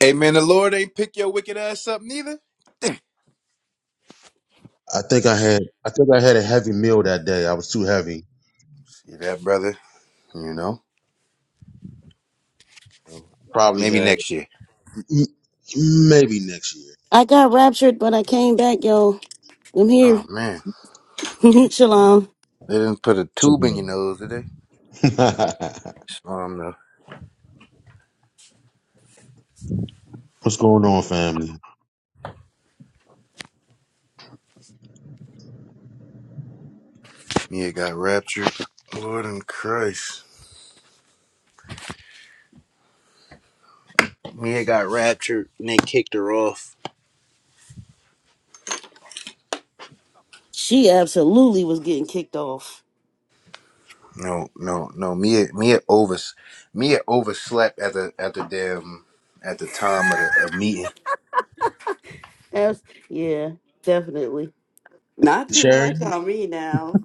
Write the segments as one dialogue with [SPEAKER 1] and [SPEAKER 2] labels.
[SPEAKER 1] Amen. The Lord ain't pick your wicked ass up neither.
[SPEAKER 2] I think I had I think I had a heavy meal that day. I was too heavy.
[SPEAKER 1] See that, brother? You know,
[SPEAKER 2] So, Probably
[SPEAKER 1] maybe
[SPEAKER 2] had
[SPEAKER 1] next year.
[SPEAKER 2] m- maybe next year.
[SPEAKER 3] I got raptured, but I came back, y'all. I'm
[SPEAKER 1] Oh
[SPEAKER 3] here.
[SPEAKER 1] man,
[SPEAKER 3] Shalom.
[SPEAKER 1] they didn't put a tube in your
[SPEAKER 2] Something.
[SPEAKER 1] nose, did they? Um, no.
[SPEAKER 2] What's going on, family?
[SPEAKER 1] Mia got raptured. Lord in Christ. Mia got raptured and they kicked her off.
[SPEAKER 3] She absolutely was getting kicked off.
[SPEAKER 1] No, no, no. Mia, Mia over, Mia overslept at the at the damn at the time of the of meeting.
[SPEAKER 3] Abs- yeah, definitely.
[SPEAKER 4] Not too
[SPEAKER 2] Cherry.
[SPEAKER 4] much on me now.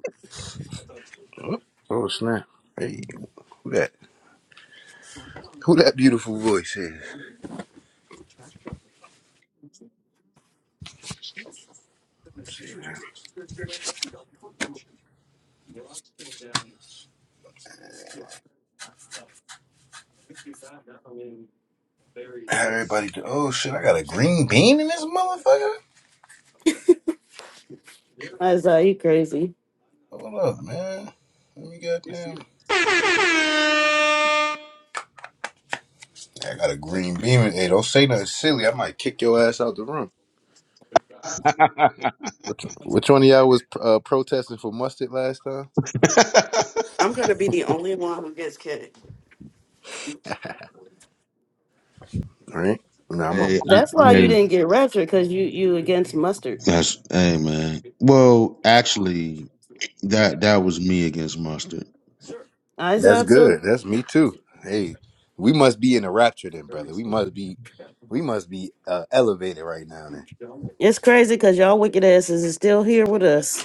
[SPEAKER 1] Oh snap! Hey, who that? Who that beautiful voice is? Everybody, do- oh shit! I got a green bean in this motherfucker.
[SPEAKER 3] Isaiah, you crazy.
[SPEAKER 1] Hold up, man. Let me goddamn. I got a green beam. and- Hey, don't say nothing silly. I might kick your ass out the room. Which which one of y'all was uh, protesting for mustard last time?
[SPEAKER 2] hey,
[SPEAKER 4] I'm gonna be the only one who gets kicked.
[SPEAKER 1] All right. No, I'm on.
[SPEAKER 2] I,
[SPEAKER 3] That's why
[SPEAKER 2] hey,
[SPEAKER 3] you didn't get raptured, because you you against mustard.
[SPEAKER 2] that's hey, man. Well, actually, that that was me against mustard.
[SPEAKER 1] That's
[SPEAKER 3] Isaiah, too.
[SPEAKER 1] good. That's me too. Hey, we must be in a rapture then, brother. We must be, we must be uh, elevated right now then.
[SPEAKER 3] It's crazy because y'all wicked asses is still here with us.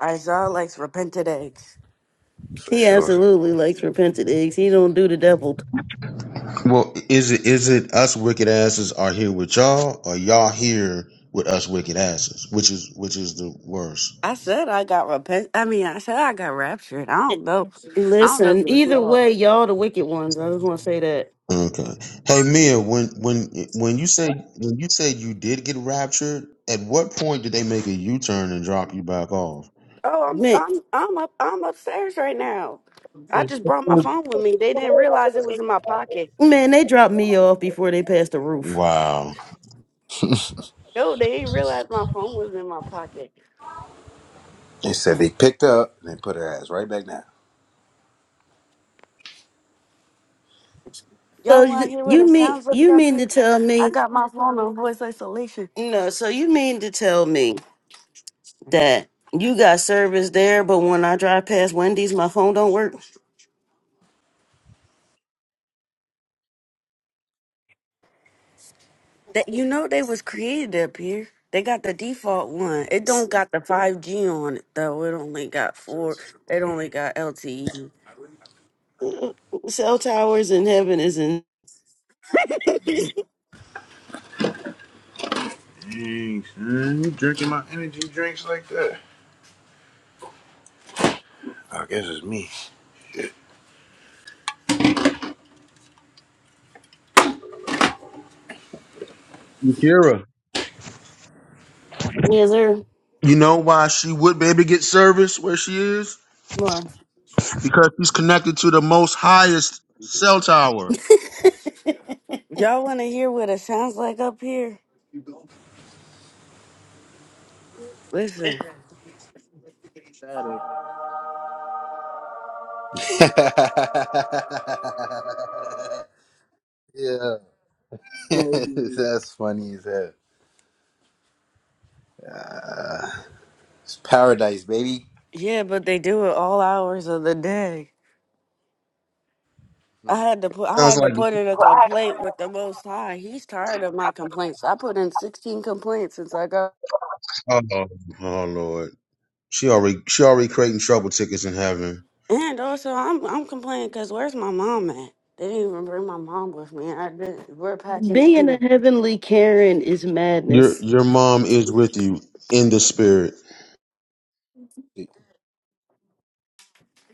[SPEAKER 4] Isaiah likes repented eggs.
[SPEAKER 1] For
[SPEAKER 3] He
[SPEAKER 1] sure.
[SPEAKER 3] absolutely likes repented eggs. He don't do the devil.
[SPEAKER 2] Well, is it is it us wicked asses are here with y'all, or y'all here with us wicked asses, which is which is the worst?
[SPEAKER 4] I said I got repent. I mean, I said I got raptured. I don't know. I don't know
[SPEAKER 3] Listen,
[SPEAKER 4] who it's
[SPEAKER 3] either
[SPEAKER 4] y'all.
[SPEAKER 3] way, y'all the wicked ones. I just want to say that.
[SPEAKER 2] Okay. Hey Mia, when when when you say when you said you did get raptured, at what point did they make a U turn and drop you back off?
[SPEAKER 4] Oh, I'm
[SPEAKER 3] Man,
[SPEAKER 4] I'm I'm up I'm upstairs right now. I just brought my phone with me. They didn't realize it was in my pocket.
[SPEAKER 3] man, they dropped me off before they passed the roof.
[SPEAKER 2] Wow.
[SPEAKER 4] No, they didn't realize my phone was in my pocket.
[SPEAKER 1] They said they picked her up and they put her ass right back down.
[SPEAKER 3] So
[SPEAKER 4] Y'all want to
[SPEAKER 3] you
[SPEAKER 4] hear what it
[SPEAKER 3] you mean
[SPEAKER 4] sounds like
[SPEAKER 3] you
[SPEAKER 4] up
[SPEAKER 3] mean
[SPEAKER 4] here?
[SPEAKER 3] to tell
[SPEAKER 4] I
[SPEAKER 3] me
[SPEAKER 4] got my phone on voice isolation.
[SPEAKER 3] no? So you mean to tell me that you got service there, but when I drive past Wendy's, my phone don't work.
[SPEAKER 4] That you know they was created up here. They got the default one. It
[SPEAKER 3] S-
[SPEAKER 4] don't got the five G on it though. It only got four. It only got LTE.
[SPEAKER 3] uh, Cell towers in heaven is in.
[SPEAKER 1] Dang, son, you drinking my energy drinks like that? I guess it's me.
[SPEAKER 2] Yakira.
[SPEAKER 3] Yes, sir.
[SPEAKER 2] You know why she would be able to get service where she is?
[SPEAKER 3] Why?
[SPEAKER 2] Because she's connected to the most highest cell tower.
[SPEAKER 4] Y'all want to hear what it sounds like up here? Listen.
[SPEAKER 5] static.
[SPEAKER 1] yeah,
[SPEAKER 5] Well,
[SPEAKER 1] that's funny as hell. Uh, it's paradise, baby.
[SPEAKER 4] Yeah, but they do it all hours of the day. I
[SPEAKER 1] Hmm.
[SPEAKER 4] had to put
[SPEAKER 2] I
[SPEAKER 4] I
[SPEAKER 2] was
[SPEAKER 4] had to
[SPEAKER 2] like,
[SPEAKER 4] put in a complaint with the Most High. He's tired of my complaints. I put in sixteen complaints since I got.
[SPEAKER 2] oh, oh Lord. She already she already creating trouble tickets in heaven.
[SPEAKER 4] And also, I'm I'm complaining because where's my mom at? They didn't even bring my mom with me. I did. We're packaged.
[SPEAKER 3] Being a heavenly Karen is
[SPEAKER 2] Your
[SPEAKER 3] madness.
[SPEAKER 2] your mom is with you in the spirit.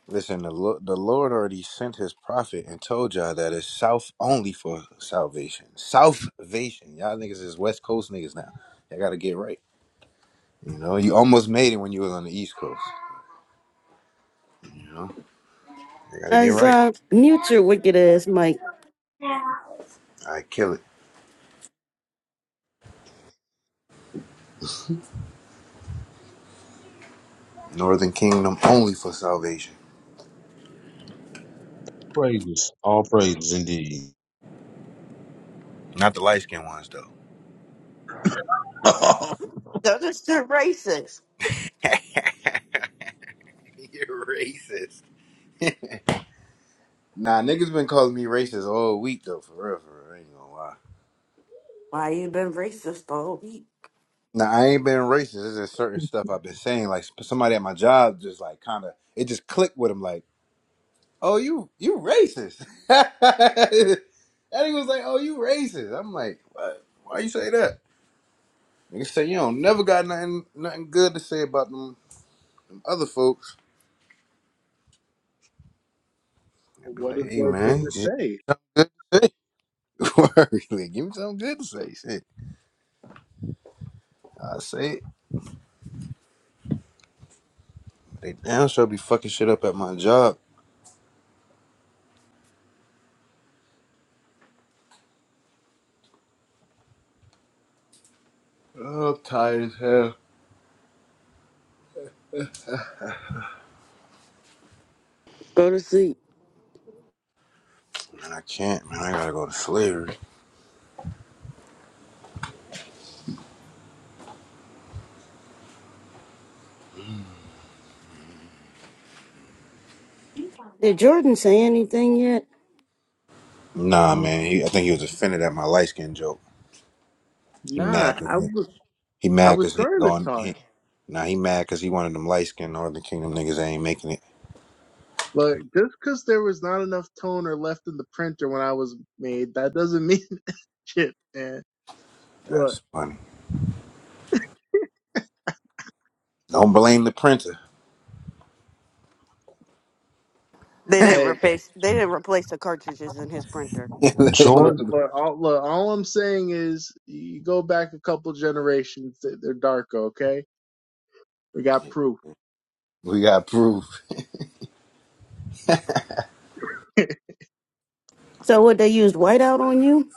[SPEAKER 1] Listen, the Lo- the Lord already sent His prophet and told y'all that it's south only for salvation. Salvation, y'all niggas is West Coast niggas now. Y'all gotta get right. You know, you almost made it when you was on the East Coast. You know, you gotta get
[SPEAKER 3] As
[SPEAKER 1] right.
[SPEAKER 3] uh, mute your wicked ass, Mike.
[SPEAKER 1] I kill it. Northern Kingdom only for salvation,
[SPEAKER 2] Praises. All praises indeed.
[SPEAKER 1] not the light skinned ones though.
[SPEAKER 2] oh,
[SPEAKER 4] They're just they're racist.
[SPEAKER 1] You're racist. Nah, niggas been calling me racist all week though, for real, for real. I ain't gonna lie.
[SPEAKER 4] Why you been racist all week?
[SPEAKER 1] Nah, I ain't been racist. There's just certain stuff I've been saying. Like sp- somebody at my job just like kind of it just clicked with him. Like, oh, you you racist. and he was like, oh, you racist. I'm like, what? Why you say that? Niggas say you don't never got nothing nothing good to say about them, them other folks. I be
[SPEAKER 5] What is
[SPEAKER 1] like, hey
[SPEAKER 5] there good
[SPEAKER 1] man,
[SPEAKER 5] to
[SPEAKER 1] just say
[SPEAKER 5] say?
[SPEAKER 1] your words. Like, give me something good to say. Shit, I say it. They damn sure be fucking shit up at my job. Oh, I'm tired as hell.
[SPEAKER 4] Go to sleep.
[SPEAKER 1] Man, I can't, man. I gotta go to slavery.
[SPEAKER 3] Did Jordan say anything yet?
[SPEAKER 1] Nah, man. He, I think he was offended at my light skin joke. He
[SPEAKER 5] Nah,
[SPEAKER 1] mad cause
[SPEAKER 5] I
[SPEAKER 1] he,
[SPEAKER 5] was
[SPEAKER 1] he
[SPEAKER 5] I
[SPEAKER 1] mad
[SPEAKER 5] was
[SPEAKER 1] cause he ain't
[SPEAKER 5] trying to
[SPEAKER 1] going.
[SPEAKER 5] talk,
[SPEAKER 1] He, nah, he mad cause he wanted them light skin Northern Kingdom niggas that ain't making it.
[SPEAKER 5] but just because there was not enough toner left in the printer when I was made, that doesn't mean shit, man. Look,
[SPEAKER 1] That's funny. Don't blame the printer.
[SPEAKER 4] They didn't
[SPEAKER 5] hey,
[SPEAKER 4] replace they didn't replace the cartridges in his printer.
[SPEAKER 2] joy
[SPEAKER 5] look, look, all, look, all I'm saying is you go back a couple generations, they- they're darker, okay? We got proof.
[SPEAKER 1] we got proof.
[SPEAKER 3] So what they used whiteout on you?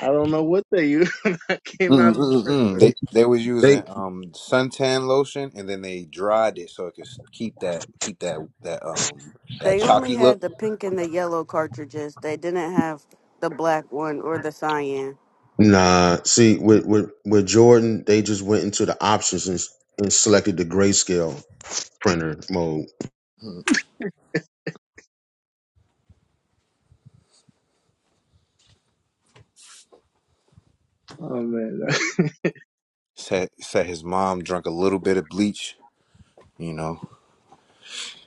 [SPEAKER 5] I don't know what they used when that came out of the
[SPEAKER 1] Mm-mm-mm.
[SPEAKER 5] printer.
[SPEAKER 1] They they was
[SPEAKER 2] They
[SPEAKER 1] using um suntan lotion and then they dried it so it could keep that keep that that um that
[SPEAKER 4] They only
[SPEAKER 1] chalky look.
[SPEAKER 4] had the pink and the yellow cartridges. They didn't have the black one or the cyan.
[SPEAKER 2] nah. See, with with with Jordan, they just went into the options and, and selected the grayscale printer mode.
[SPEAKER 1] Mm,
[SPEAKER 5] Oh man,
[SPEAKER 1] Said said his mom drank a little bit of bleach. You know,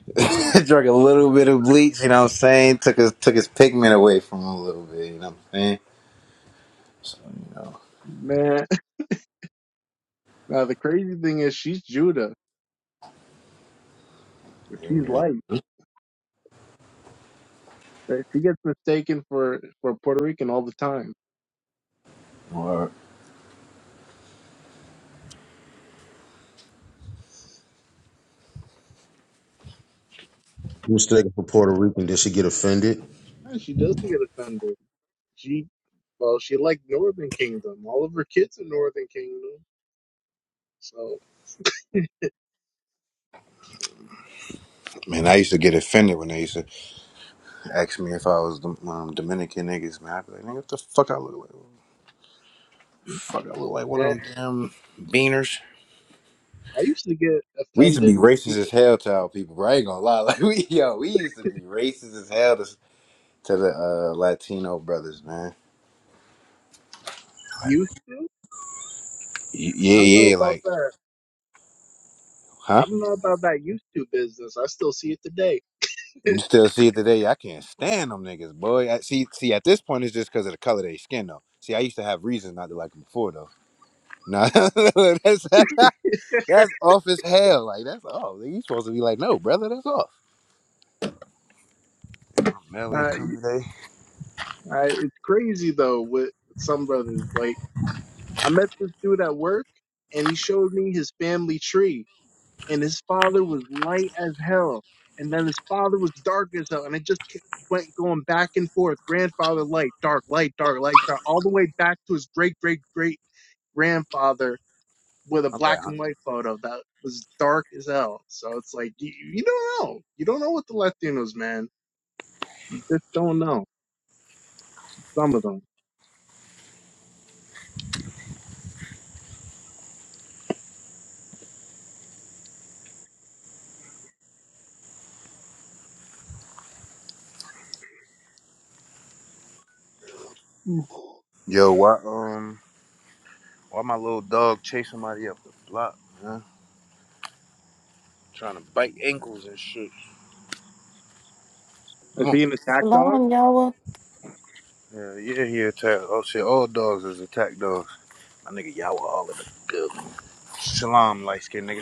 [SPEAKER 1] Drank a little bit of bleach. You know what I'm saying? Took his took his pigment away from him a little bit. You know what I'm saying? So you know,
[SPEAKER 5] man. Now the crazy thing is she's Judah, but she's
[SPEAKER 1] amen.
[SPEAKER 5] light. Right? She gets mistaken for for Puerto Rican all the time.
[SPEAKER 1] Word.
[SPEAKER 2] Mistaken for Puerto Rican, did she get offended?
[SPEAKER 5] Yeah, She doesn't get offended. She well, she liked Northern Kingdom. All of her kids are Northern Kingdom. So
[SPEAKER 1] Man, I used to get offended when they used to ask me if I was the um, Dominican niggas. Man, I'd be like, nigga, what the fuck I look like? Fuck, I look like one of
[SPEAKER 5] man,
[SPEAKER 1] them damn beaners.
[SPEAKER 5] I used to get
[SPEAKER 1] We used to be
[SPEAKER 5] offended when
[SPEAKER 1] racist as
[SPEAKER 5] people
[SPEAKER 1] hell to our people, bro. I ain't gonna lie. Like we, yo, we used to be racist as hell to, to the uh, Latino brothers, man.
[SPEAKER 5] used to.
[SPEAKER 1] Y- Yeah,
[SPEAKER 5] I don't know
[SPEAKER 1] yeah.
[SPEAKER 5] about
[SPEAKER 1] Like
[SPEAKER 5] that.
[SPEAKER 1] Huh?
[SPEAKER 5] I don't know about that used to business. I still see it today.
[SPEAKER 1] You still see it today? I can't stand them niggas, boy. I, see, see, at this point, it's just because of the color of their skin, though. See, I used to have reasons not to like them before, though. Nah, that's that's off as hell. Like that's off. Like, You supposed to be like, no, brother, that's off. Mel ain't
[SPEAKER 5] I,
[SPEAKER 1] come today.
[SPEAKER 5] I, it's crazy though with, with some brothers. Like I met this dude at work, and he showed me his family tree. and his father was light as hell, and then his father was dark as hell, and it just kept- went going back and forth. Grandfather light, dark, light, dark, light, dark, all the way back to his great great great grandfather with a
[SPEAKER 1] I'm bad.
[SPEAKER 5] black
[SPEAKER 1] Huh?
[SPEAKER 5] and white photo that was dark as hell. So it's like you, you don't know, you don't know what the Latinos, man. You just don't know some of them. Mm.
[SPEAKER 1] Yo, why um, why my little dog chase somebody up the block, man? Trying to bite ankles and shit.
[SPEAKER 5] Is
[SPEAKER 1] Come on.
[SPEAKER 5] he an attack dog?
[SPEAKER 3] Shalom, Yahweh.
[SPEAKER 1] Yeah, yeah, he attacked. Oh shit, all dogs is attack dogs. My nigga Yawa all in the building. Shalom, light skinned nigga.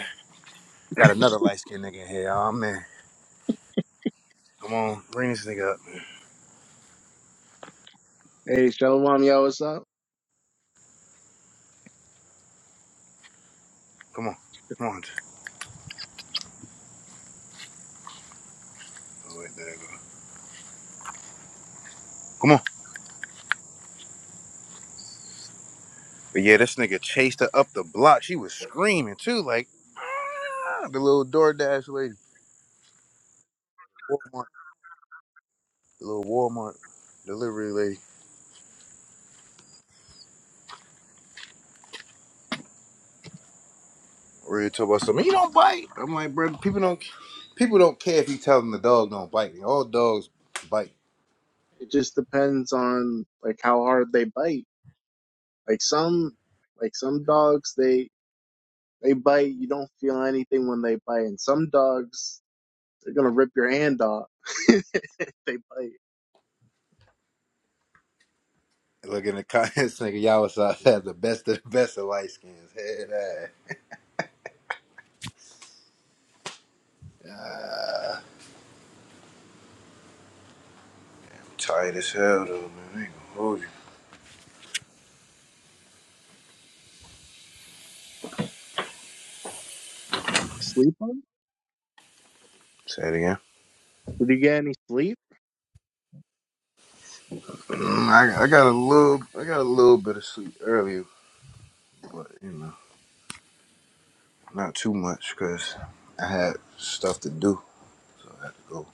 [SPEAKER 1] Got another light skinned nigga in here. Oh man. Come on, bring this nigga up.
[SPEAKER 5] Hey, Shalom, yo, what's up?
[SPEAKER 1] Come on. Come on. Oh, wait, there you go. Come on. But yeah, this nigga chased her up the block. She was screaming too, like "Ah," the little DoorDash lady. Walmart. The little Walmart delivery lady. Ready to talk about something. You don't bite. I'm like, bro, people don't people don't care if you tell them the dog don't bite. All dogs bite.
[SPEAKER 5] It just depends on like how hard they bite. Like some, like some dogs, they They bite, you don't feel anything when they bite. And some dogs, they're gonna rip your hand off if they bite.
[SPEAKER 1] Look in the comments, nigga, y'all was out there the best of the best of light skins. Head ass. Tired as hell though, man. I ain't gonna hold you.
[SPEAKER 5] Sleep on? it?
[SPEAKER 1] Say it again.
[SPEAKER 5] Did you get any sleep?
[SPEAKER 1] Mm, I, I got a little, I got a little bit of sleep earlier, but you know, not too much because I had stuff to do, so I had to go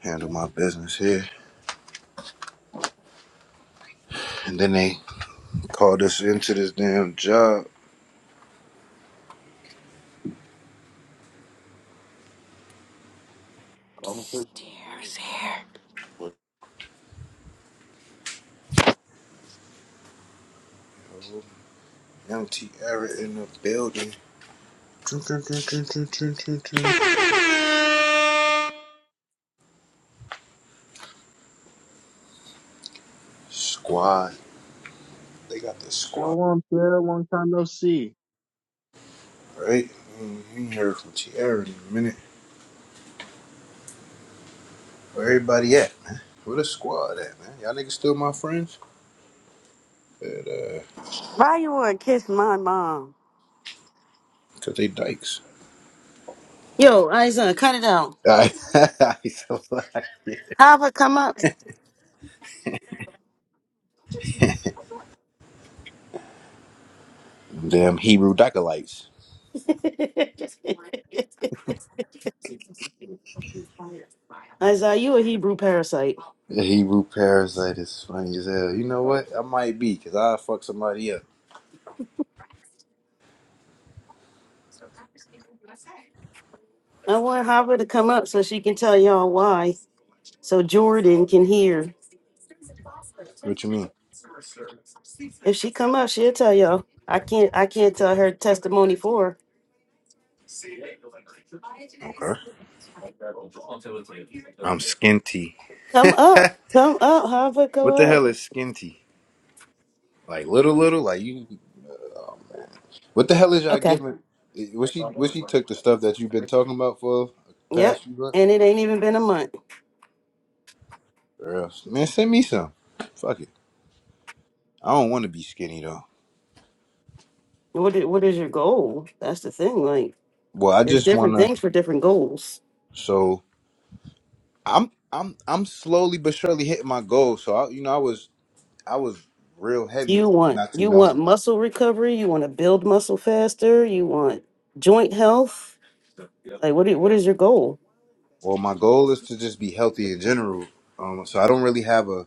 [SPEAKER 1] handle my business here. And then they called us into this damn job.
[SPEAKER 4] Dear's here.
[SPEAKER 1] Young T. Eric in the building. Squad. They got the squad,
[SPEAKER 5] Shalom, Sarah. Long time no see.
[SPEAKER 1] right? Mm, You ain't heard from T. Eric in a minute. Where everybody at, man? Where the squad at, man? Y'all niggas still my friends? But, uh,
[SPEAKER 4] Why you wanna kiss my mom?
[SPEAKER 1] cause they dykes.
[SPEAKER 3] Yo, Isa, cut it out.
[SPEAKER 1] I,
[SPEAKER 3] Hava, come up.
[SPEAKER 1] Damn Hebrew Dacolites.
[SPEAKER 3] Isaiah, you a Hebrew parasite.
[SPEAKER 1] Hebrew parasite is funny as hell. You know what? I might be, because I'll fuck somebody up.
[SPEAKER 3] I want Hava to come up so she can tell y'all why. So Jordan can hear.
[SPEAKER 1] What you mean?
[SPEAKER 3] If she come up, she'll tell y'all. I can't I can't tell her testimony for her.
[SPEAKER 1] Okay. I'm skinty.
[SPEAKER 3] Come up. Come up, Hava, go
[SPEAKER 1] what the
[SPEAKER 3] up.
[SPEAKER 1] hell is skinty? Like little, little? Like you. Oh, man. What the hell is y'all
[SPEAKER 3] Okay.
[SPEAKER 1] giving? eh, What she, what she took the stuff that you've been talking about for the
[SPEAKER 3] Yep.
[SPEAKER 1] past few months?
[SPEAKER 3] And it ain't even been a month.
[SPEAKER 1] Girl, man, send me some. Fuck it. I don't want to be skinny, though.
[SPEAKER 3] What is, what is your goal? That's the thing. Like
[SPEAKER 1] Well, I
[SPEAKER 3] there's
[SPEAKER 1] just want
[SPEAKER 3] different
[SPEAKER 1] to.
[SPEAKER 3] things for different goals.
[SPEAKER 1] So. I'm I'm I'm slowly but surely hitting my goal. So I, you know, I was I was real heavy
[SPEAKER 3] You want
[SPEAKER 1] not too
[SPEAKER 3] you
[SPEAKER 1] long
[SPEAKER 3] want
[SPEAKER 1] ago.
[SPEAKER 3] muscle recovery, you want to build muscle faster, you want joint health. Like what i- what is your goal?
[SPEAKER 1] Well, my goal is to just be healthy in general. Um, so I don't really have a.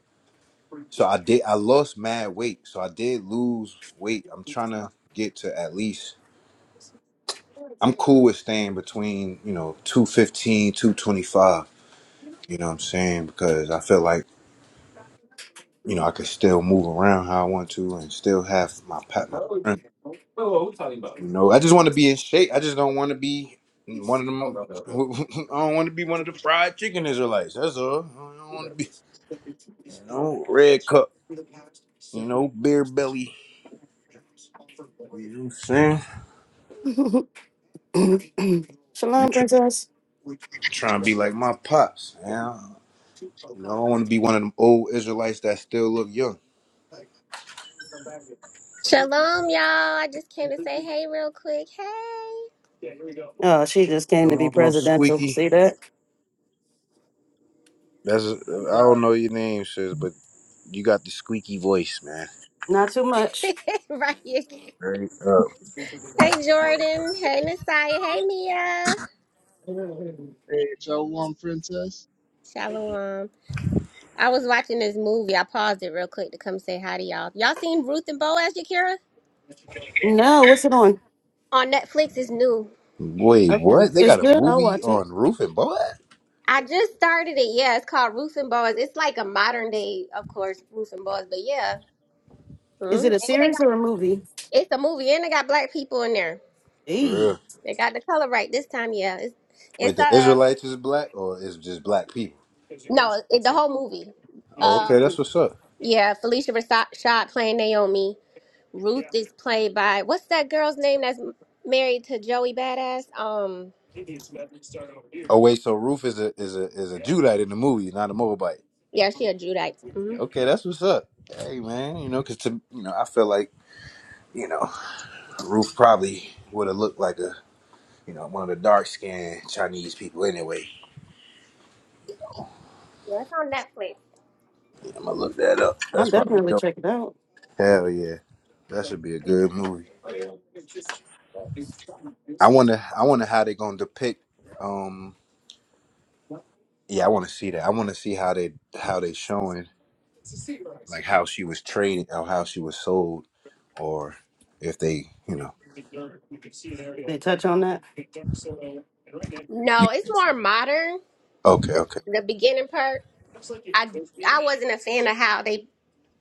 [SPEAKER 1] So I did. I lost mad weight. So I did lose weight. I'm trying to get to at least. I'm cool with staying between you know two fifteen two twenty five. You know what I'm saying? Because I feel like you know I could still move around how I want to and still have my pat my strength. You know, I just want to be in shape. I just don't want to be one of them. I don't want to be one of the fried chicken Israelites. That's all. I don't want to be, you know, red cup. You know, beer belly. You know what I'm saying? I'm
[SPEAKER 3] Shalom,
[SPEAKER 1] tr-
[SPEAKER 3] princess.
[SPEAKER 1] trying to be like my pops. Man. You know, I want to be one of them old Israelites that still look young.
[SPEAKER 6] Shalom, y'all. I just came to say hey real quick.
[SPEAKER 3] Oh, she
[SPEAKER 1] Sh-
[SPEAKER 3] just came to be
[SPEAKER 1] Shalom,
[SPEAKER 3] presidential.
[SPEAKER 1] squeaky.
[SPEAKER 3] See that?
[SPEAKER 1] That's
[SPEAKER 5] How's
[SPEAKER 1] I don't
[SPEAKER 5] that?
[SPEAKER 1] know your name, sis, but you got the squeaky voice, man.
[SPEAKER 3] Not too much.
[SPEAKER 6] Hey. right. you-
[SPEAKER 1] Right up.
[SPEAKER 6] Hey, Jordan. Hey, Nasiah. Hey, Mia.
[SPEAKER 5] Hey, shalom, princess.
[SPEAKER 6] Shalom. I was watching this movie. I paused it real quick to come say hi to y'all. Y'all seen Ruth and Boaz, Yakira?
[SPEAKER 3] No, what's it on?
[SPEAKER 6] On Netflix, it's new.
[SPEAKER 1] Wait,
[SPEAKER 3] Okay.
[SPEAKER 1] what? They
[SPEAKER 3] It's
[SPEAKER 1] got a
[SPEAKER 3] good. I'll
[SPEAKER 1] movie
[SPEAKER 3] watch it.
[SPEAKER 1] on Roof and Boy?
[SPEAKER 6] I just started it. Yeah, it's called Ruth and Boaz. It's like a modern day, of course, Ruth and Boaz, but yeah.
[SPEAKER 3] Is
[SPEAKER 6] Mm.
[SPEAKER 3] it a
[SPEAKER 6] And they
[SPEAKER 3] series
[SPEAKER 6] got,
[SPEAKER 3] or a movie?
[SPEAKER 6] it's a movie, and they got black people in there.
[SPEAKER 3] Hey,
[SPEAKER 6] They got the color right this time. Yeah, it's it's
[SPEAKER 1] Wait, the
[SPEAKER 6] uh,
[SPEAKER 1] Israelites is black or is just black people?
[SPEAKER 6] No, it, the whole movie.
[SPEAKER 1] Oh, okay,
[SPEAKER 6] Um,
[SPEAKER 1] that's what's up.
[SPEAKER 6] yeah, Felicia Rashad playing Naomi. Ruth is played by what's that girl's name that's married to Joey Badass? Um,
[SPEAKER 1] Oh wait, so Ruth is a is a is a Judite in the movie, not a Moabite.
[SPEAKER 6] yeah, she a Judite. hmm
[SPEAKER 1] Okay, that's what's up. Hey man, you know, cause to you know, I feel like you know Ruth probably would have looked like a you know one of the dark skinned Chinese people anyway.
[SPEAKER 6] Yeah, it's on Netflix.
[SPEAKER 1] I'm gonna look that up.
[SPEAKER 3] I'll
[SPEAKER 1] That's probably
[SPEAKER 3] definitely
[SPEAKER 1] dope.
[SPEAKER 3] check it out.
[SPEAKER 6] Mhm.
[SPEAKER 1] Hell yeah, that should be a good movie. I wonder, I wonder how they gonna depict. Um, yeah, I want to see that. I want to see how they how they showing. like how she was traded or how she was sold or if they you know
[SPEAKER 3] They touch on that.
[SPEAKER 6] No, it's more modern.
[SPEAKER 1] okay okay
[SPEAKER 6] The beginning part. I I wasn't a fan of how they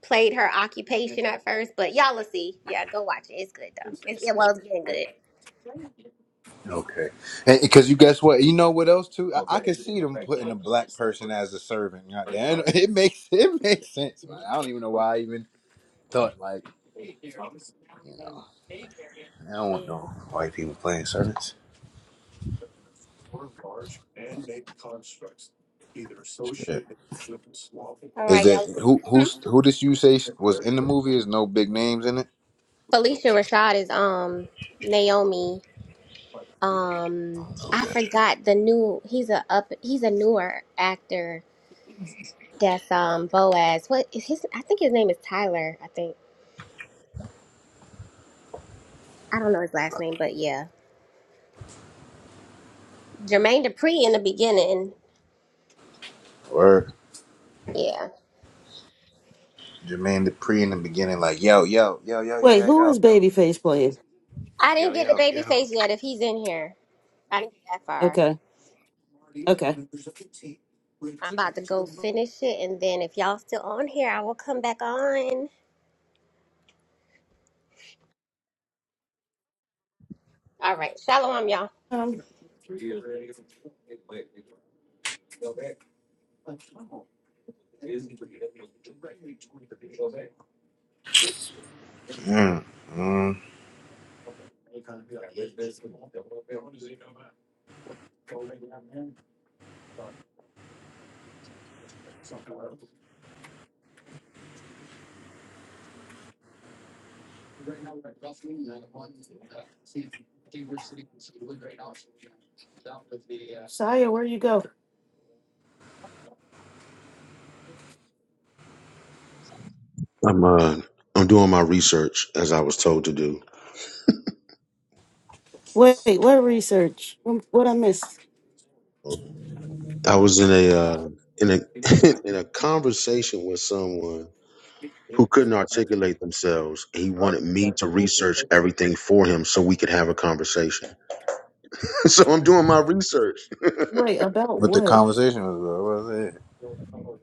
[SPEAKER 6] played her occupation at first, but y'all will see. Yeah, go watch it. It's good though. It's, it was getting good.
[SPEAKER 1] okay because you guess what you know what else too I, I could see them putting a black person as a servant god damn it makes it makes sense man. i don't even know why i even thought like you know i don't want no
[SPEAKER 6] Yeah.
[SPEAKER 1] white people playing servants Yeah.
[SPEAKER 6] All
[SPEAKER 1] is
[SPEAKER 6] right,
[SPEAKER 1] that
[SPEAKER 6] y'all.
[SPEAKER 1] who
[SPEAKER 6] Mhm.
[SPEAKER 1] who's who did you say was in the movie is no big names in it
[SPEAKER 6] Felicia Rashad is um Naomi.
[SPEAKER 1] I
[SPEAKER 6] um
[SPEAKER 1] don't know who
[SPEAKER 6] I
[SPEAKER 1] that
[SPEAKER 6] forgot the new he's a up he's a newer actor that's um Boaz. What is his I think his name is Tyler, I think. I don't know his last name, but yeah. Jermaine Dupri in the beginning.
[SPEAKER 1] or
[SPEAKER 6] Yeah.
[SPEAKER 1] jermaine Dupri in the beginning like yo yo yo yo yo
[SPEAKER 3] Wait,
[SPEAKER 1] yo
[SPEAKER 3] who is
[SPEAKER 1] yo
[SPEAKER 3] Babyface playing?
[SPEAKER 6] I didn't
[SPEAKER 1] yo
[SPEAKER 6] get
[SPEAKER 1] yo
[SPEAKER 6] the baby
[SPEAKER 1] yo
[SPEAKER 6] face yet if he's in here. I didn't get that far.
[SPEAKER 3] Okay. Okay.
[SPEAKER 6] I'm about to go finish it and then if y'all still on here I will come back on. All right. Shalom y'all.
[SPEAKER 3] Um,
[SPEAKER 1] Mm, mm.
[SPEAKER 3] Saya, where you go?
[SPEAKER 2] I'm uh, I'm doing my research as I was told to do.
[SPEAKER 3] Wait, what research? What I missed?
[SPEAKER 2] I was in a uh, in a in a conversation with someone who couldn't articulate themselves. He wanted me to research everything for him so we could have a conversation. so I'm doing my research.
[SPEAKER 3] Wait, about
[SPEAKER 1] What the
[SPEAKER 3] what?
[SPEAKER 1] conversation was about? What was it?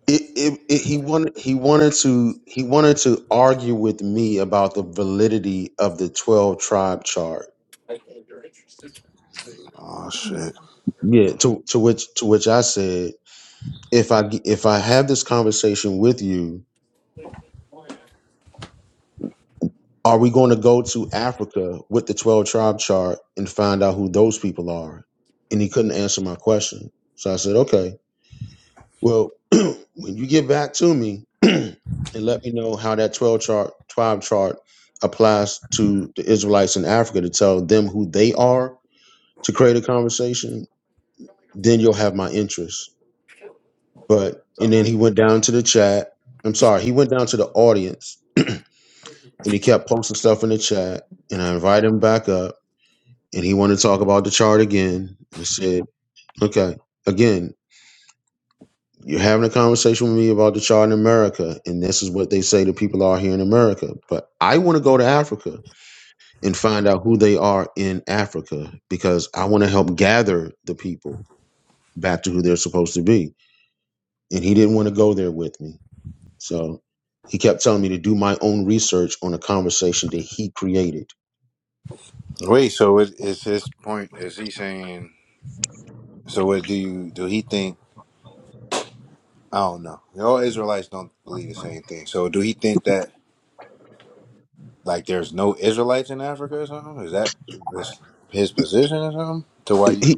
[SPEAKER 2] it, it, it he wanted he wanted to he wanted to argue with me about the validity of the 12 tribe chart
[SPEAKER 1] Oh
[SPEAKER 3] You
[SPEAKER 1] shit!
[SPEAKER 2] yeah to to which to which i said if i g- if i have this conversation with you are we going to go to africa with the 12 tribe chart and find out who those people are and he couldn't answer my question so i said okay Well, when you get back to me and let me know how that 12 chart, 12 chart applies to the Israelites in Africa to tell them who they are to create a conversation, then you'll have my interest. But, and then he went down to the chat. I'm sorry, he went down to the audience and he kept posting stuff in the chat. And I invited him back up and he wanted to talk about the chart again. I said, okay. Again, You're having a conversation with me about the chart in America, and this is what they say the people are here in America. But I want to go to Africa and find out who they are in Africa because I want to help gather the people back to who they're supposed to be. And he didn't want to go there with me. So he kept telling me to do my own research on a conversation that he created.
[SPEAKER 1] Wait, so it, is his point? Is he saying? So what do you do? He think? I don't know. All Israelites don't believe the same thing. So do he think that like there's no Israelites in Africa or something? Is that this, his position or something? To why you?
[SPEAKER 2] He,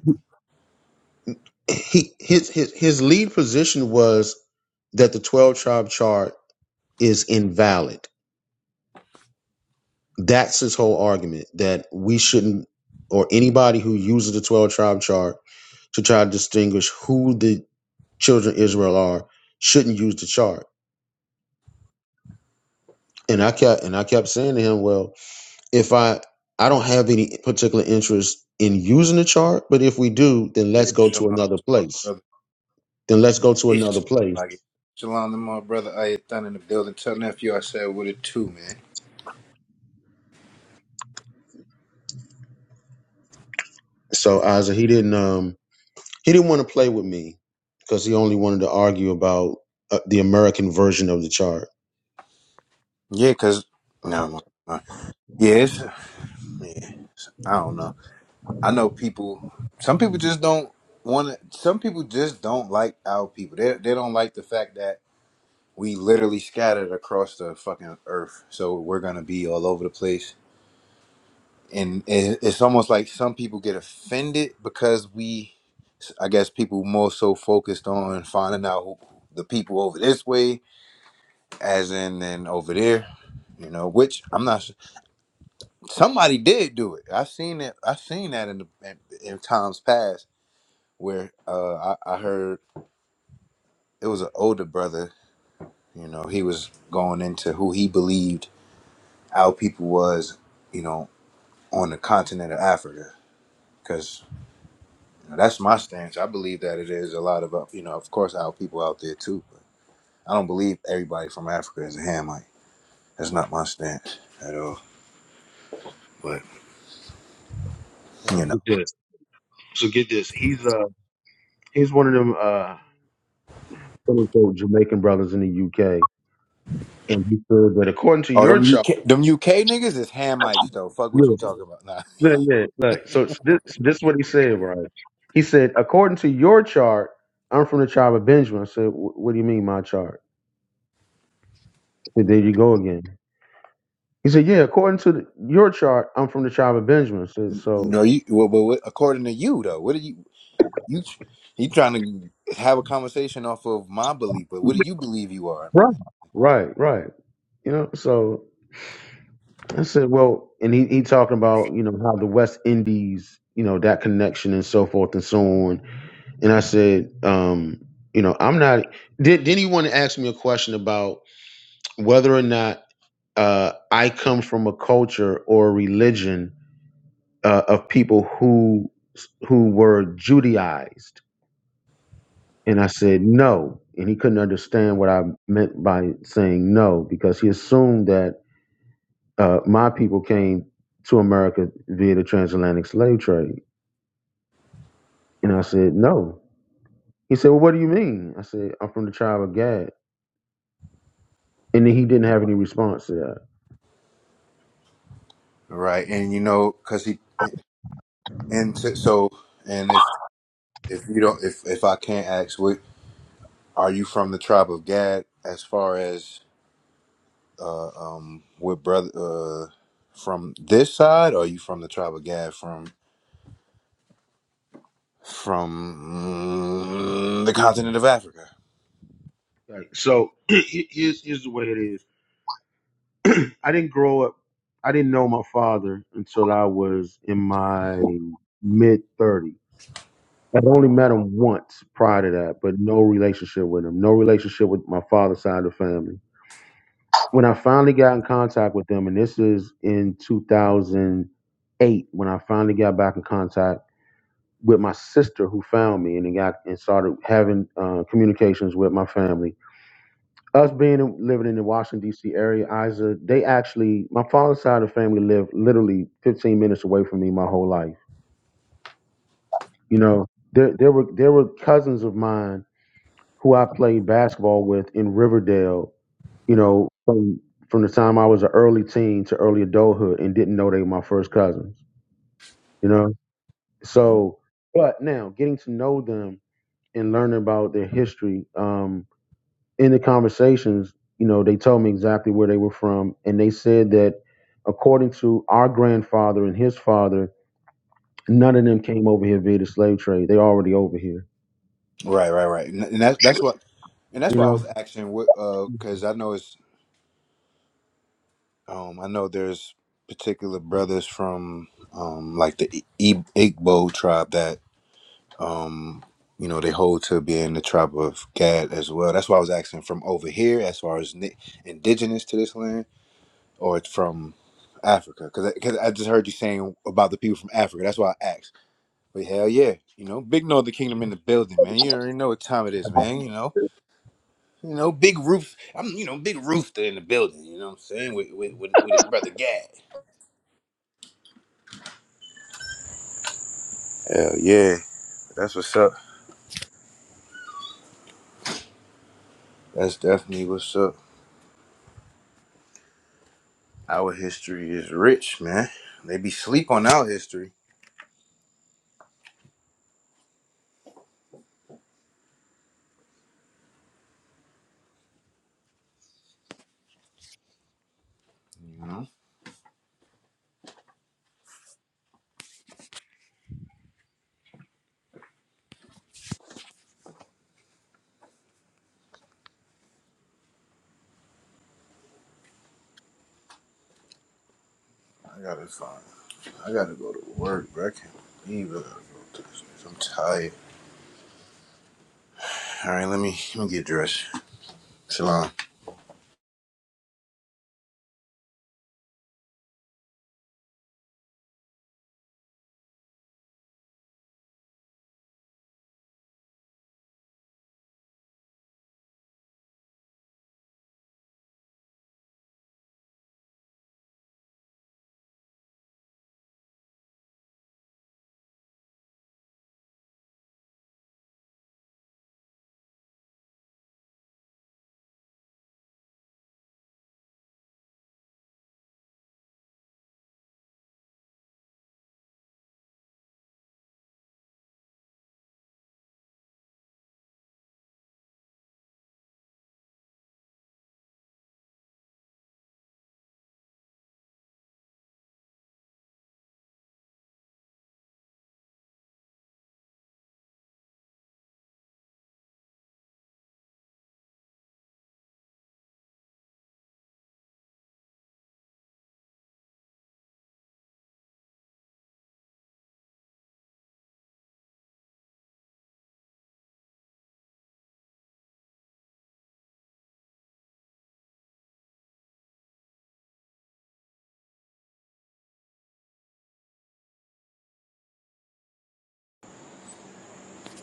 [SPEAKER 2] he, his, his, his lead position was that the 12 tribe chart is invalid That's his whole argument that we shouldn't, or anybody who uses the 12 tribe chart to try to distinguish who the children of Israel are, shouldn't use the chart. And I kept and I kept saying to him, well, if I I don't have any particular interest in using the chart, but if we do, then let's
[SPEAKER 1] Hey,
[SPEAKER 2] go
[SPEAKER 1] shalom
[SPEAKER 2] to
[SPEAKER 1] to
[SPEAKER 2] another
[SPEAKER 1] my
[SPEAKER 2] place.
[SPEAKER 1] brother.
[SPEAKER 2] Then let's go to
[SPEAKER 1] Hey,
[SPEAKER 2] another
[SPEAKER 1] sh-
[SPEAKER 2] place.
[SPEAKER 1] like, shalom to my brother. I had done in the building. Tell nephew I said with it too, man.
[SPEAKER 2] So Isaac, he didn't um he didn't want to play with me because he only wanted to argue about uh, the American version of the chart.
[SPEAKER 1] Yeah, cause no, no. yes, yeah. it's- yeah, I don't know. I know people. Some people just don't want to. Some people just don't like our people. They they don't like the fact that we literally scattered across the fucking earth. So we're gonna be all over the place, and it, it's almost like some people get offended because we. I guess people more so focused on finding out who, the people over this way, as in and over there. You know, which I'm not. s- Somebody did do it. I've seen it. I've seen that in the, in, in times past where uh, I, I heard it was an older brother. You know, he was going into who he believed our people was. You know, on the continent of Africa, because that's my stance. I believe that it is a lot of uh, you know, of course, our people out there too. But I don't believe everybody from Africa is a Hamite. That's not my stance at all. But you know.
[SPEAKER 2] Yeah, good. So get this. He's uh he's one of them uh quote unquote Jamaican brothers in the UK. And he said that according to
[SPEAKER 1] Oh,
[SPEAKER 2] your
[SPEAKER 1] them
[SPEAKER 2] chart,
[SPEAKER 1] UK, them UK niggas is Hamites though. Fuck what you
[SPEAKER 2] yes,
[SPEAKER 1] talking about? Nah,
[SPEAKER 2] yeah, yeah, look, so it's this this is what he said, right? He said, according to your chart, I'm from the tribe of Benjamin. I said, "Wh- what do you mean my chart? He said, there you go again. He said, yeah, according to the, your chart, I'm from the tribe of Benjamin. I said, so
[SPEAKER 1] no, you. Well, but what, according to you though, what do you? You tr- you trying to have a conversation off of my belief, but what do you believe you are,
[SPEAKER 2] right,
[SPEAKER 1] man?
[SPEAKER 2] right, right. You know, so I said, well, and he he talking about you know how the West Indies, you know, that connection and so forth and so on And I said, um, you know, I'm not. Did, then he wanted to ask me a question about whether or not uh, I come from a culture or a religion uh, of people who who were Judaized. And I said no, and he couldn't understand what I meant by saying no because he assumed that uh, my people came to America via the transatlantic slave trade. And I said no. He said, "Well, what do you mean?" I said, "I'm from the tribe of Gad." And then he didn't have any response to that.
[SPEAKER 1] Right, and you know, cause he and t- so and if if you don't if if I can't ask, what are you from the tribe of Gad? As far as uh um, what brother uh from this side, or are you from the tribe of Gad from from mm, the continent of Africa?
[SPEAKER 2] Right. So here's here's the way it is. I didn't grow up. I didn't know my father until I was in my mid 30s. I'd only met him once prior to that, but no relationship with him. No relationship with my father's side of the family. When I finally got in contact with them, and this is in 2008, when I finally got back in contact with my sister who found me and then got and started having uh, communications with my family us being in- living in the Washington D.C. area, Isa, they actually my father's side of the family lived literally 15 minutes away from me my whole life. You know, there there were there were cousins of mine who I played basketball with in Riverdale. You know, from from the time I was an early teen to early adulthood, and didn't know they were my first cousins. You know,
[SPEAKER 1] Mhm.
[SPEAKER 2] so but now getting to know them and learning about their history. Um, in the conversations, you know, they told me exactly where they were from, and they said that according to our grandfather and his father, none of them came over here via the slave trade. They already over here,
[SPEAKER 1] Right, right, right. And and that's that's what and that's
[SPEAKER 2] you
[SPEAKER 1] why I was
[SPEAKER 2] know.
[SPEAKER 1] asking what uh because I know it's Um, I know there's particular brothers from um, like the I- I- Igbo tribe that um, you know they hold to being the tribe of Gad as well. That's why I was asking from over here, as far as ni- indigenous to this land, or it's from Africa, because because I, 'cause I just heard you saying about the people from Africa. That's why I asked. But hell yeah, you know, big Northern Kingdom in the building, man. You already know what time it is, man. You know. You know, big roof. I'm, you know, big rooster in the building. You know what I'm saying? With with with, with his brother Gad. Hell yeah. That's what's up. That's definitely what's up. Our history is rich, man. They be sleep on our history. You know? I gotta find. I gotta go to work, bro. I can't believe I gotta go to this. place. I'm tired. All right, let me let me get dressed. Shalom.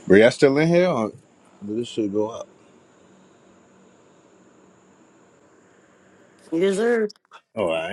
[SPEAKER 1] Bro, y'all still in here? Or did this shit go up?
[SPEAKER 3] deserve.
[SPEAKER 1] Oh, All right.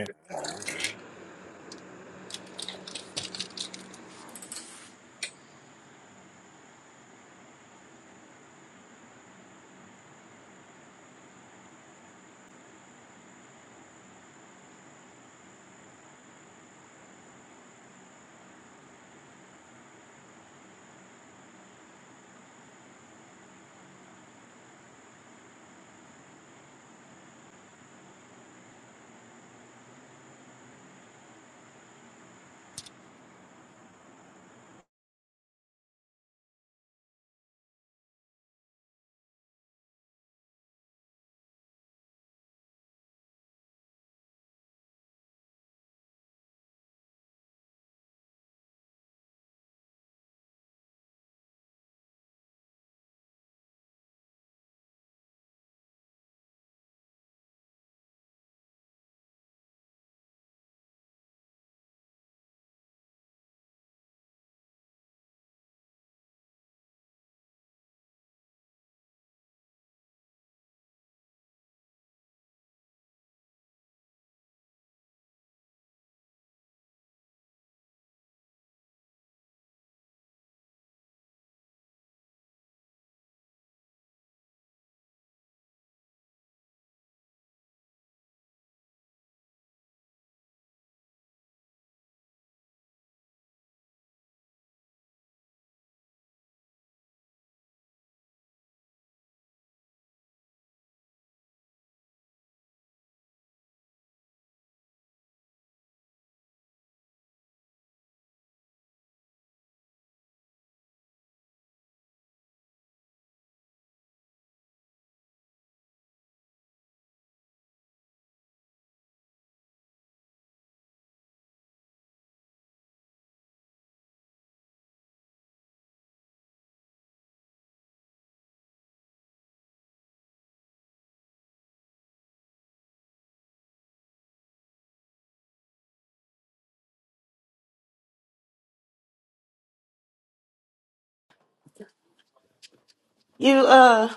[SPEAKER 3] You, uh,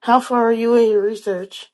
[SPEAKER 3] how far are you in your research?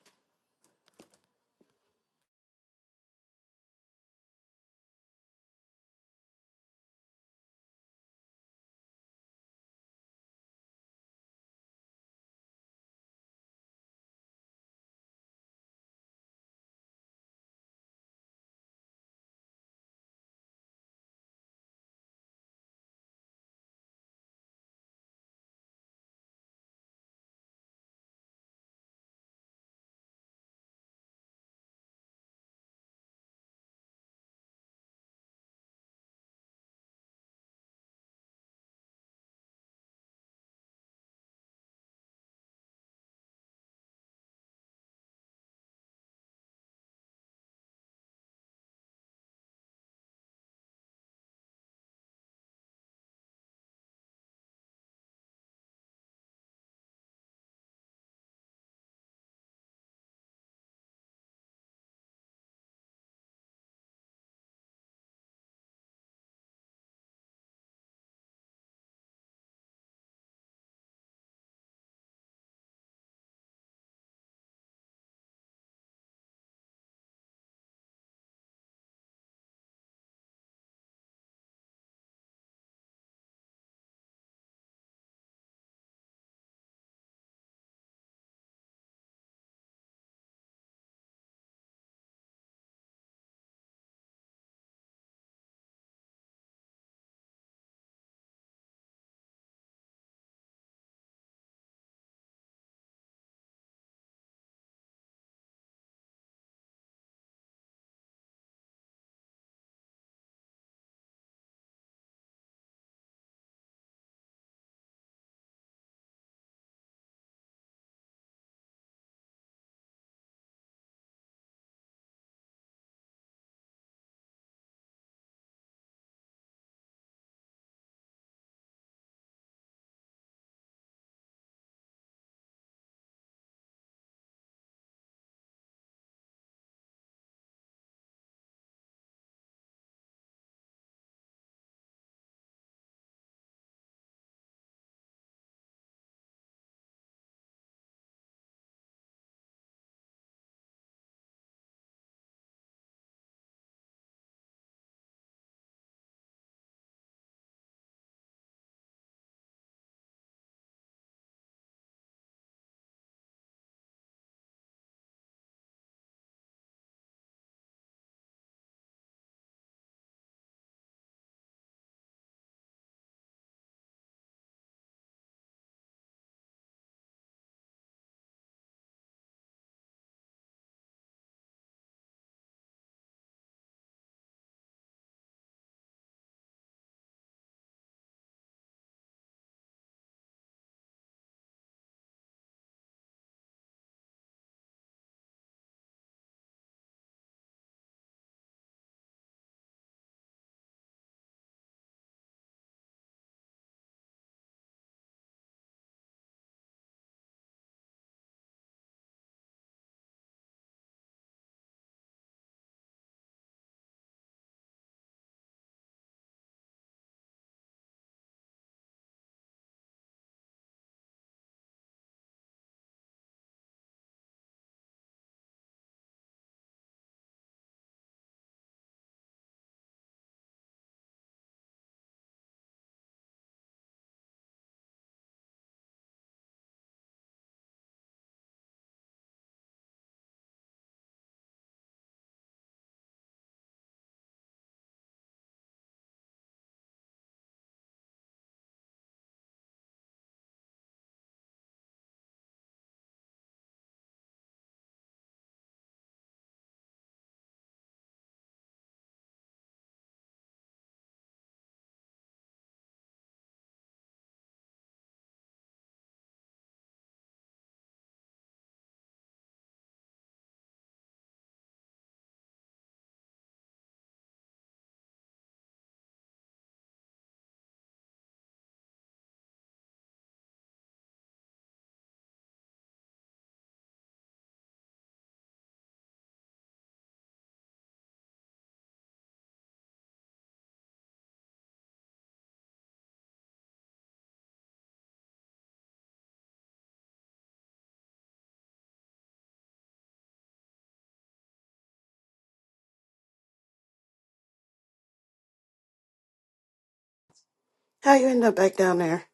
[SPEAKER 3] How you end up back down there?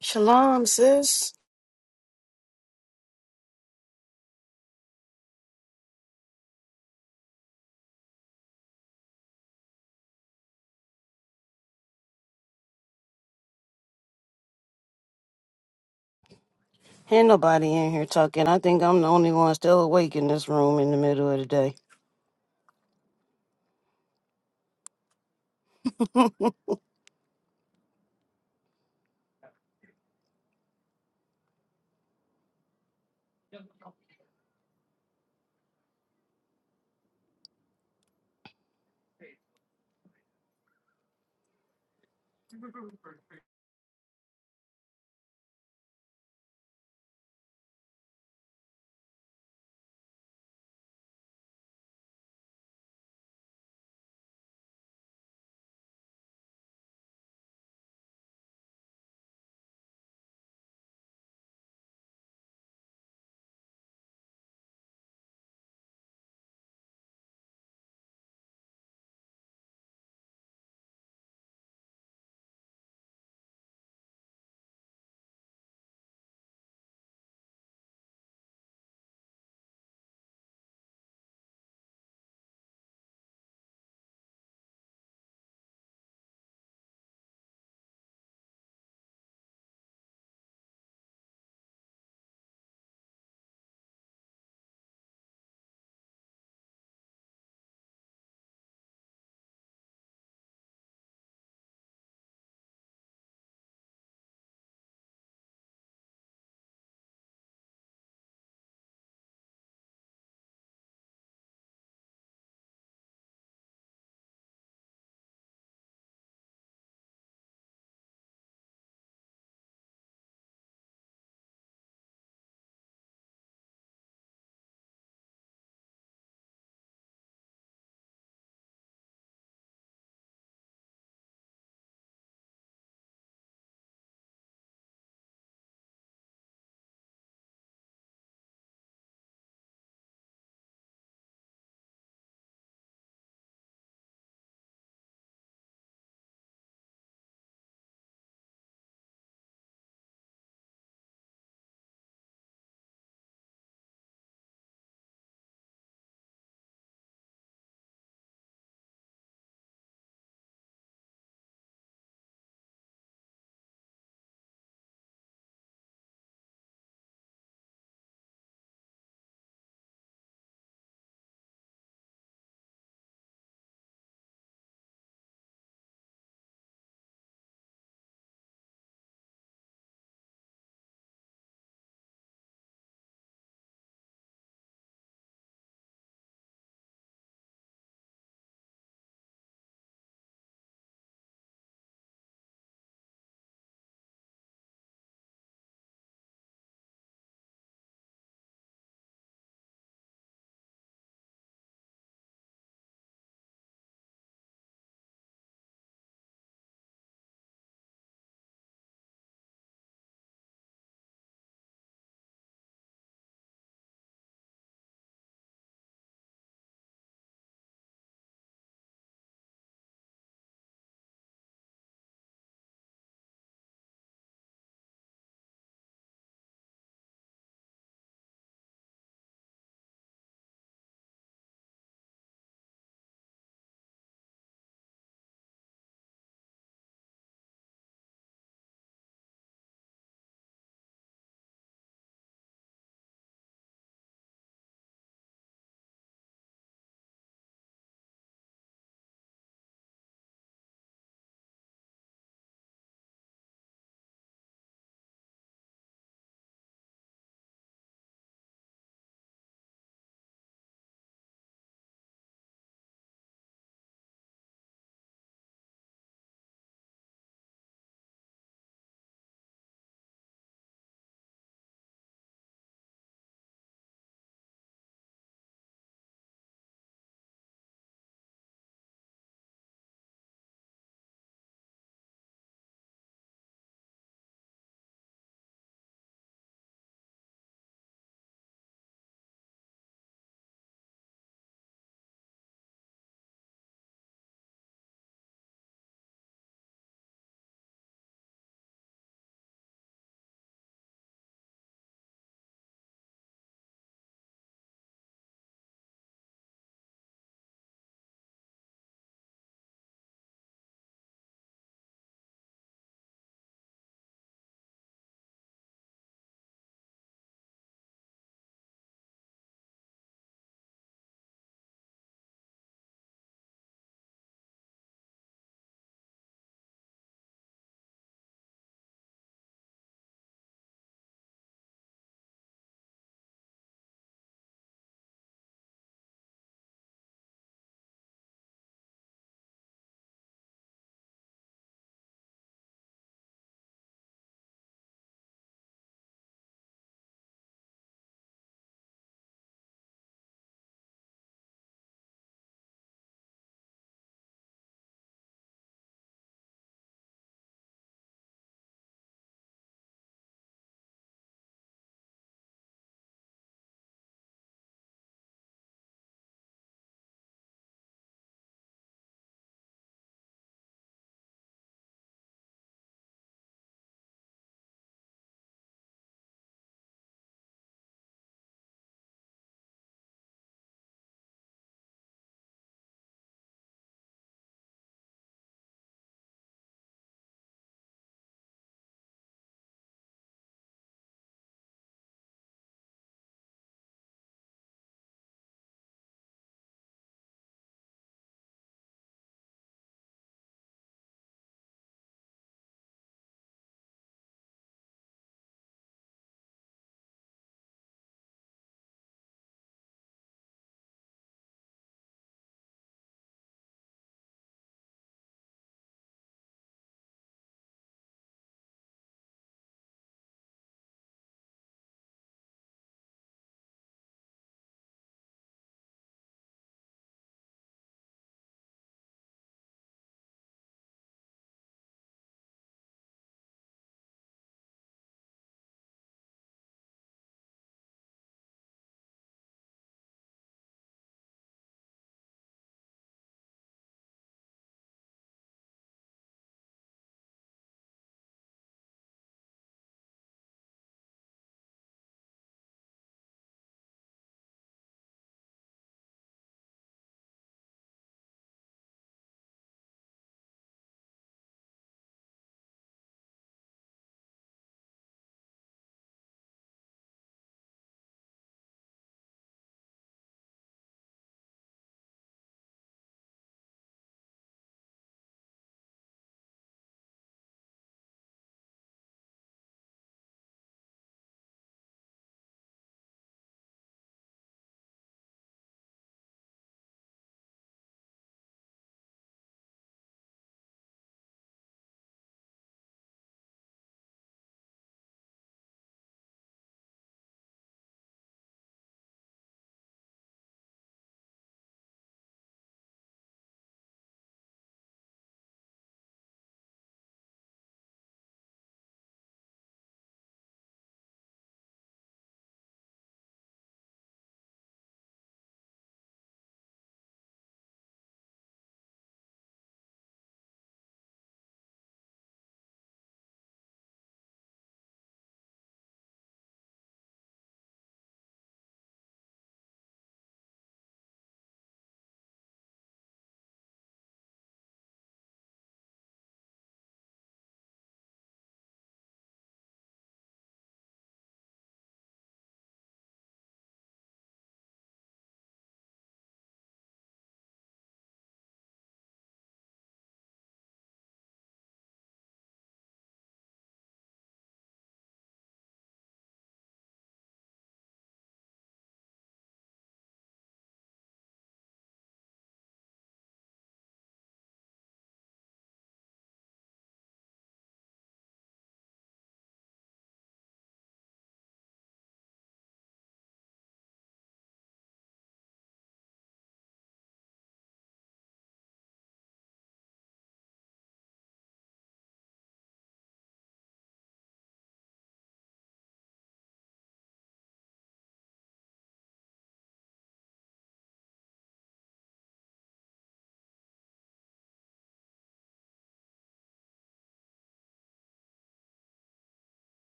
[SPEAKER 3] Shalom, sis. Ain't nobody in here talking. I think I'm the only one still awake in this room in the middle of the day.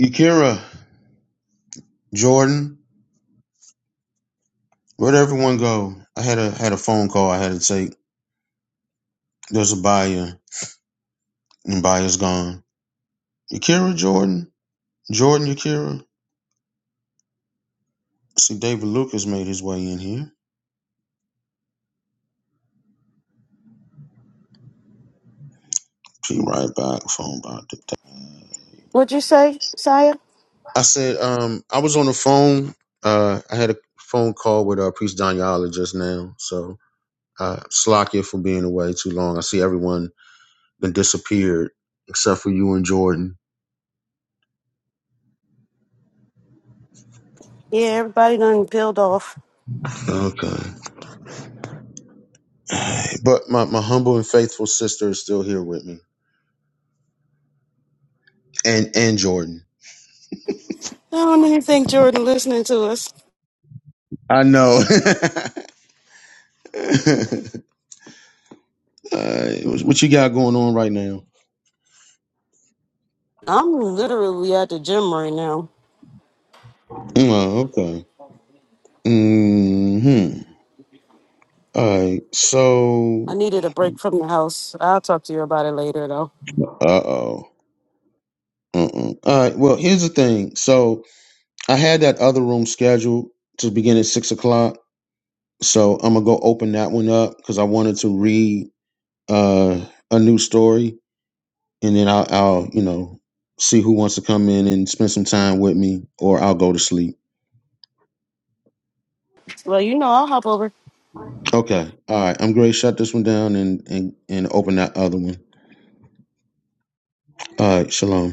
[SPEAKER 2] Yakira, Jordan, where'd everyone go? I had a had a phone call I had to take. There's a buyer, and buyer's gone. Yakira, Jordan, Jordan, Yakira. See, David Lucas made his way in here. Be right back. Phone about back.
[SPEAKER 3] What'd you say, Saya?
[SPEAKER 2] I said, um, I was on the phone. Uh, I had a phone call with uh, Priest Daniela just now. So, uh, slack you for being away too long. I see everyone been disappeared except for you and Jordan.
[SPEAKER 3] Yeah, everybody done peeled off.
[SPEAKER 2] Okay. But my, my humble and faithful sister is still here with me and, and Jordan.
[SPEAKER 3] I don't even think Jordan listening to us.
[SPEAKER 2] I know. uh, what what you got going on right now?
[SPEAKER 3] I'm literally at the gym right now.
[SPEAKER 2] Oh, okay. Mm-hmm. All right.
[SPEAKER 3] I
[SPEAKER 2] So,
[SPEAKER 3] needed a break from the house. I'll talk to you about it later, though.
[SPEAKER 2] uh oh. Mm-mm. All right. Well, here's the thing. So I had that other room scheduled to begin at six o'clock. So I'm gonna go open that one up because I wanted to read uh, a new story, and then I'll, I'll, you know, see who wants to come in and spend some time with me, or I'll go to sleep.
[SPEAKER 3] Well, you know, I'll hop over.
[SPEAKER 2] Okay. All right. I'm going to Shut this one down and and and open that other one. All right. Shalom.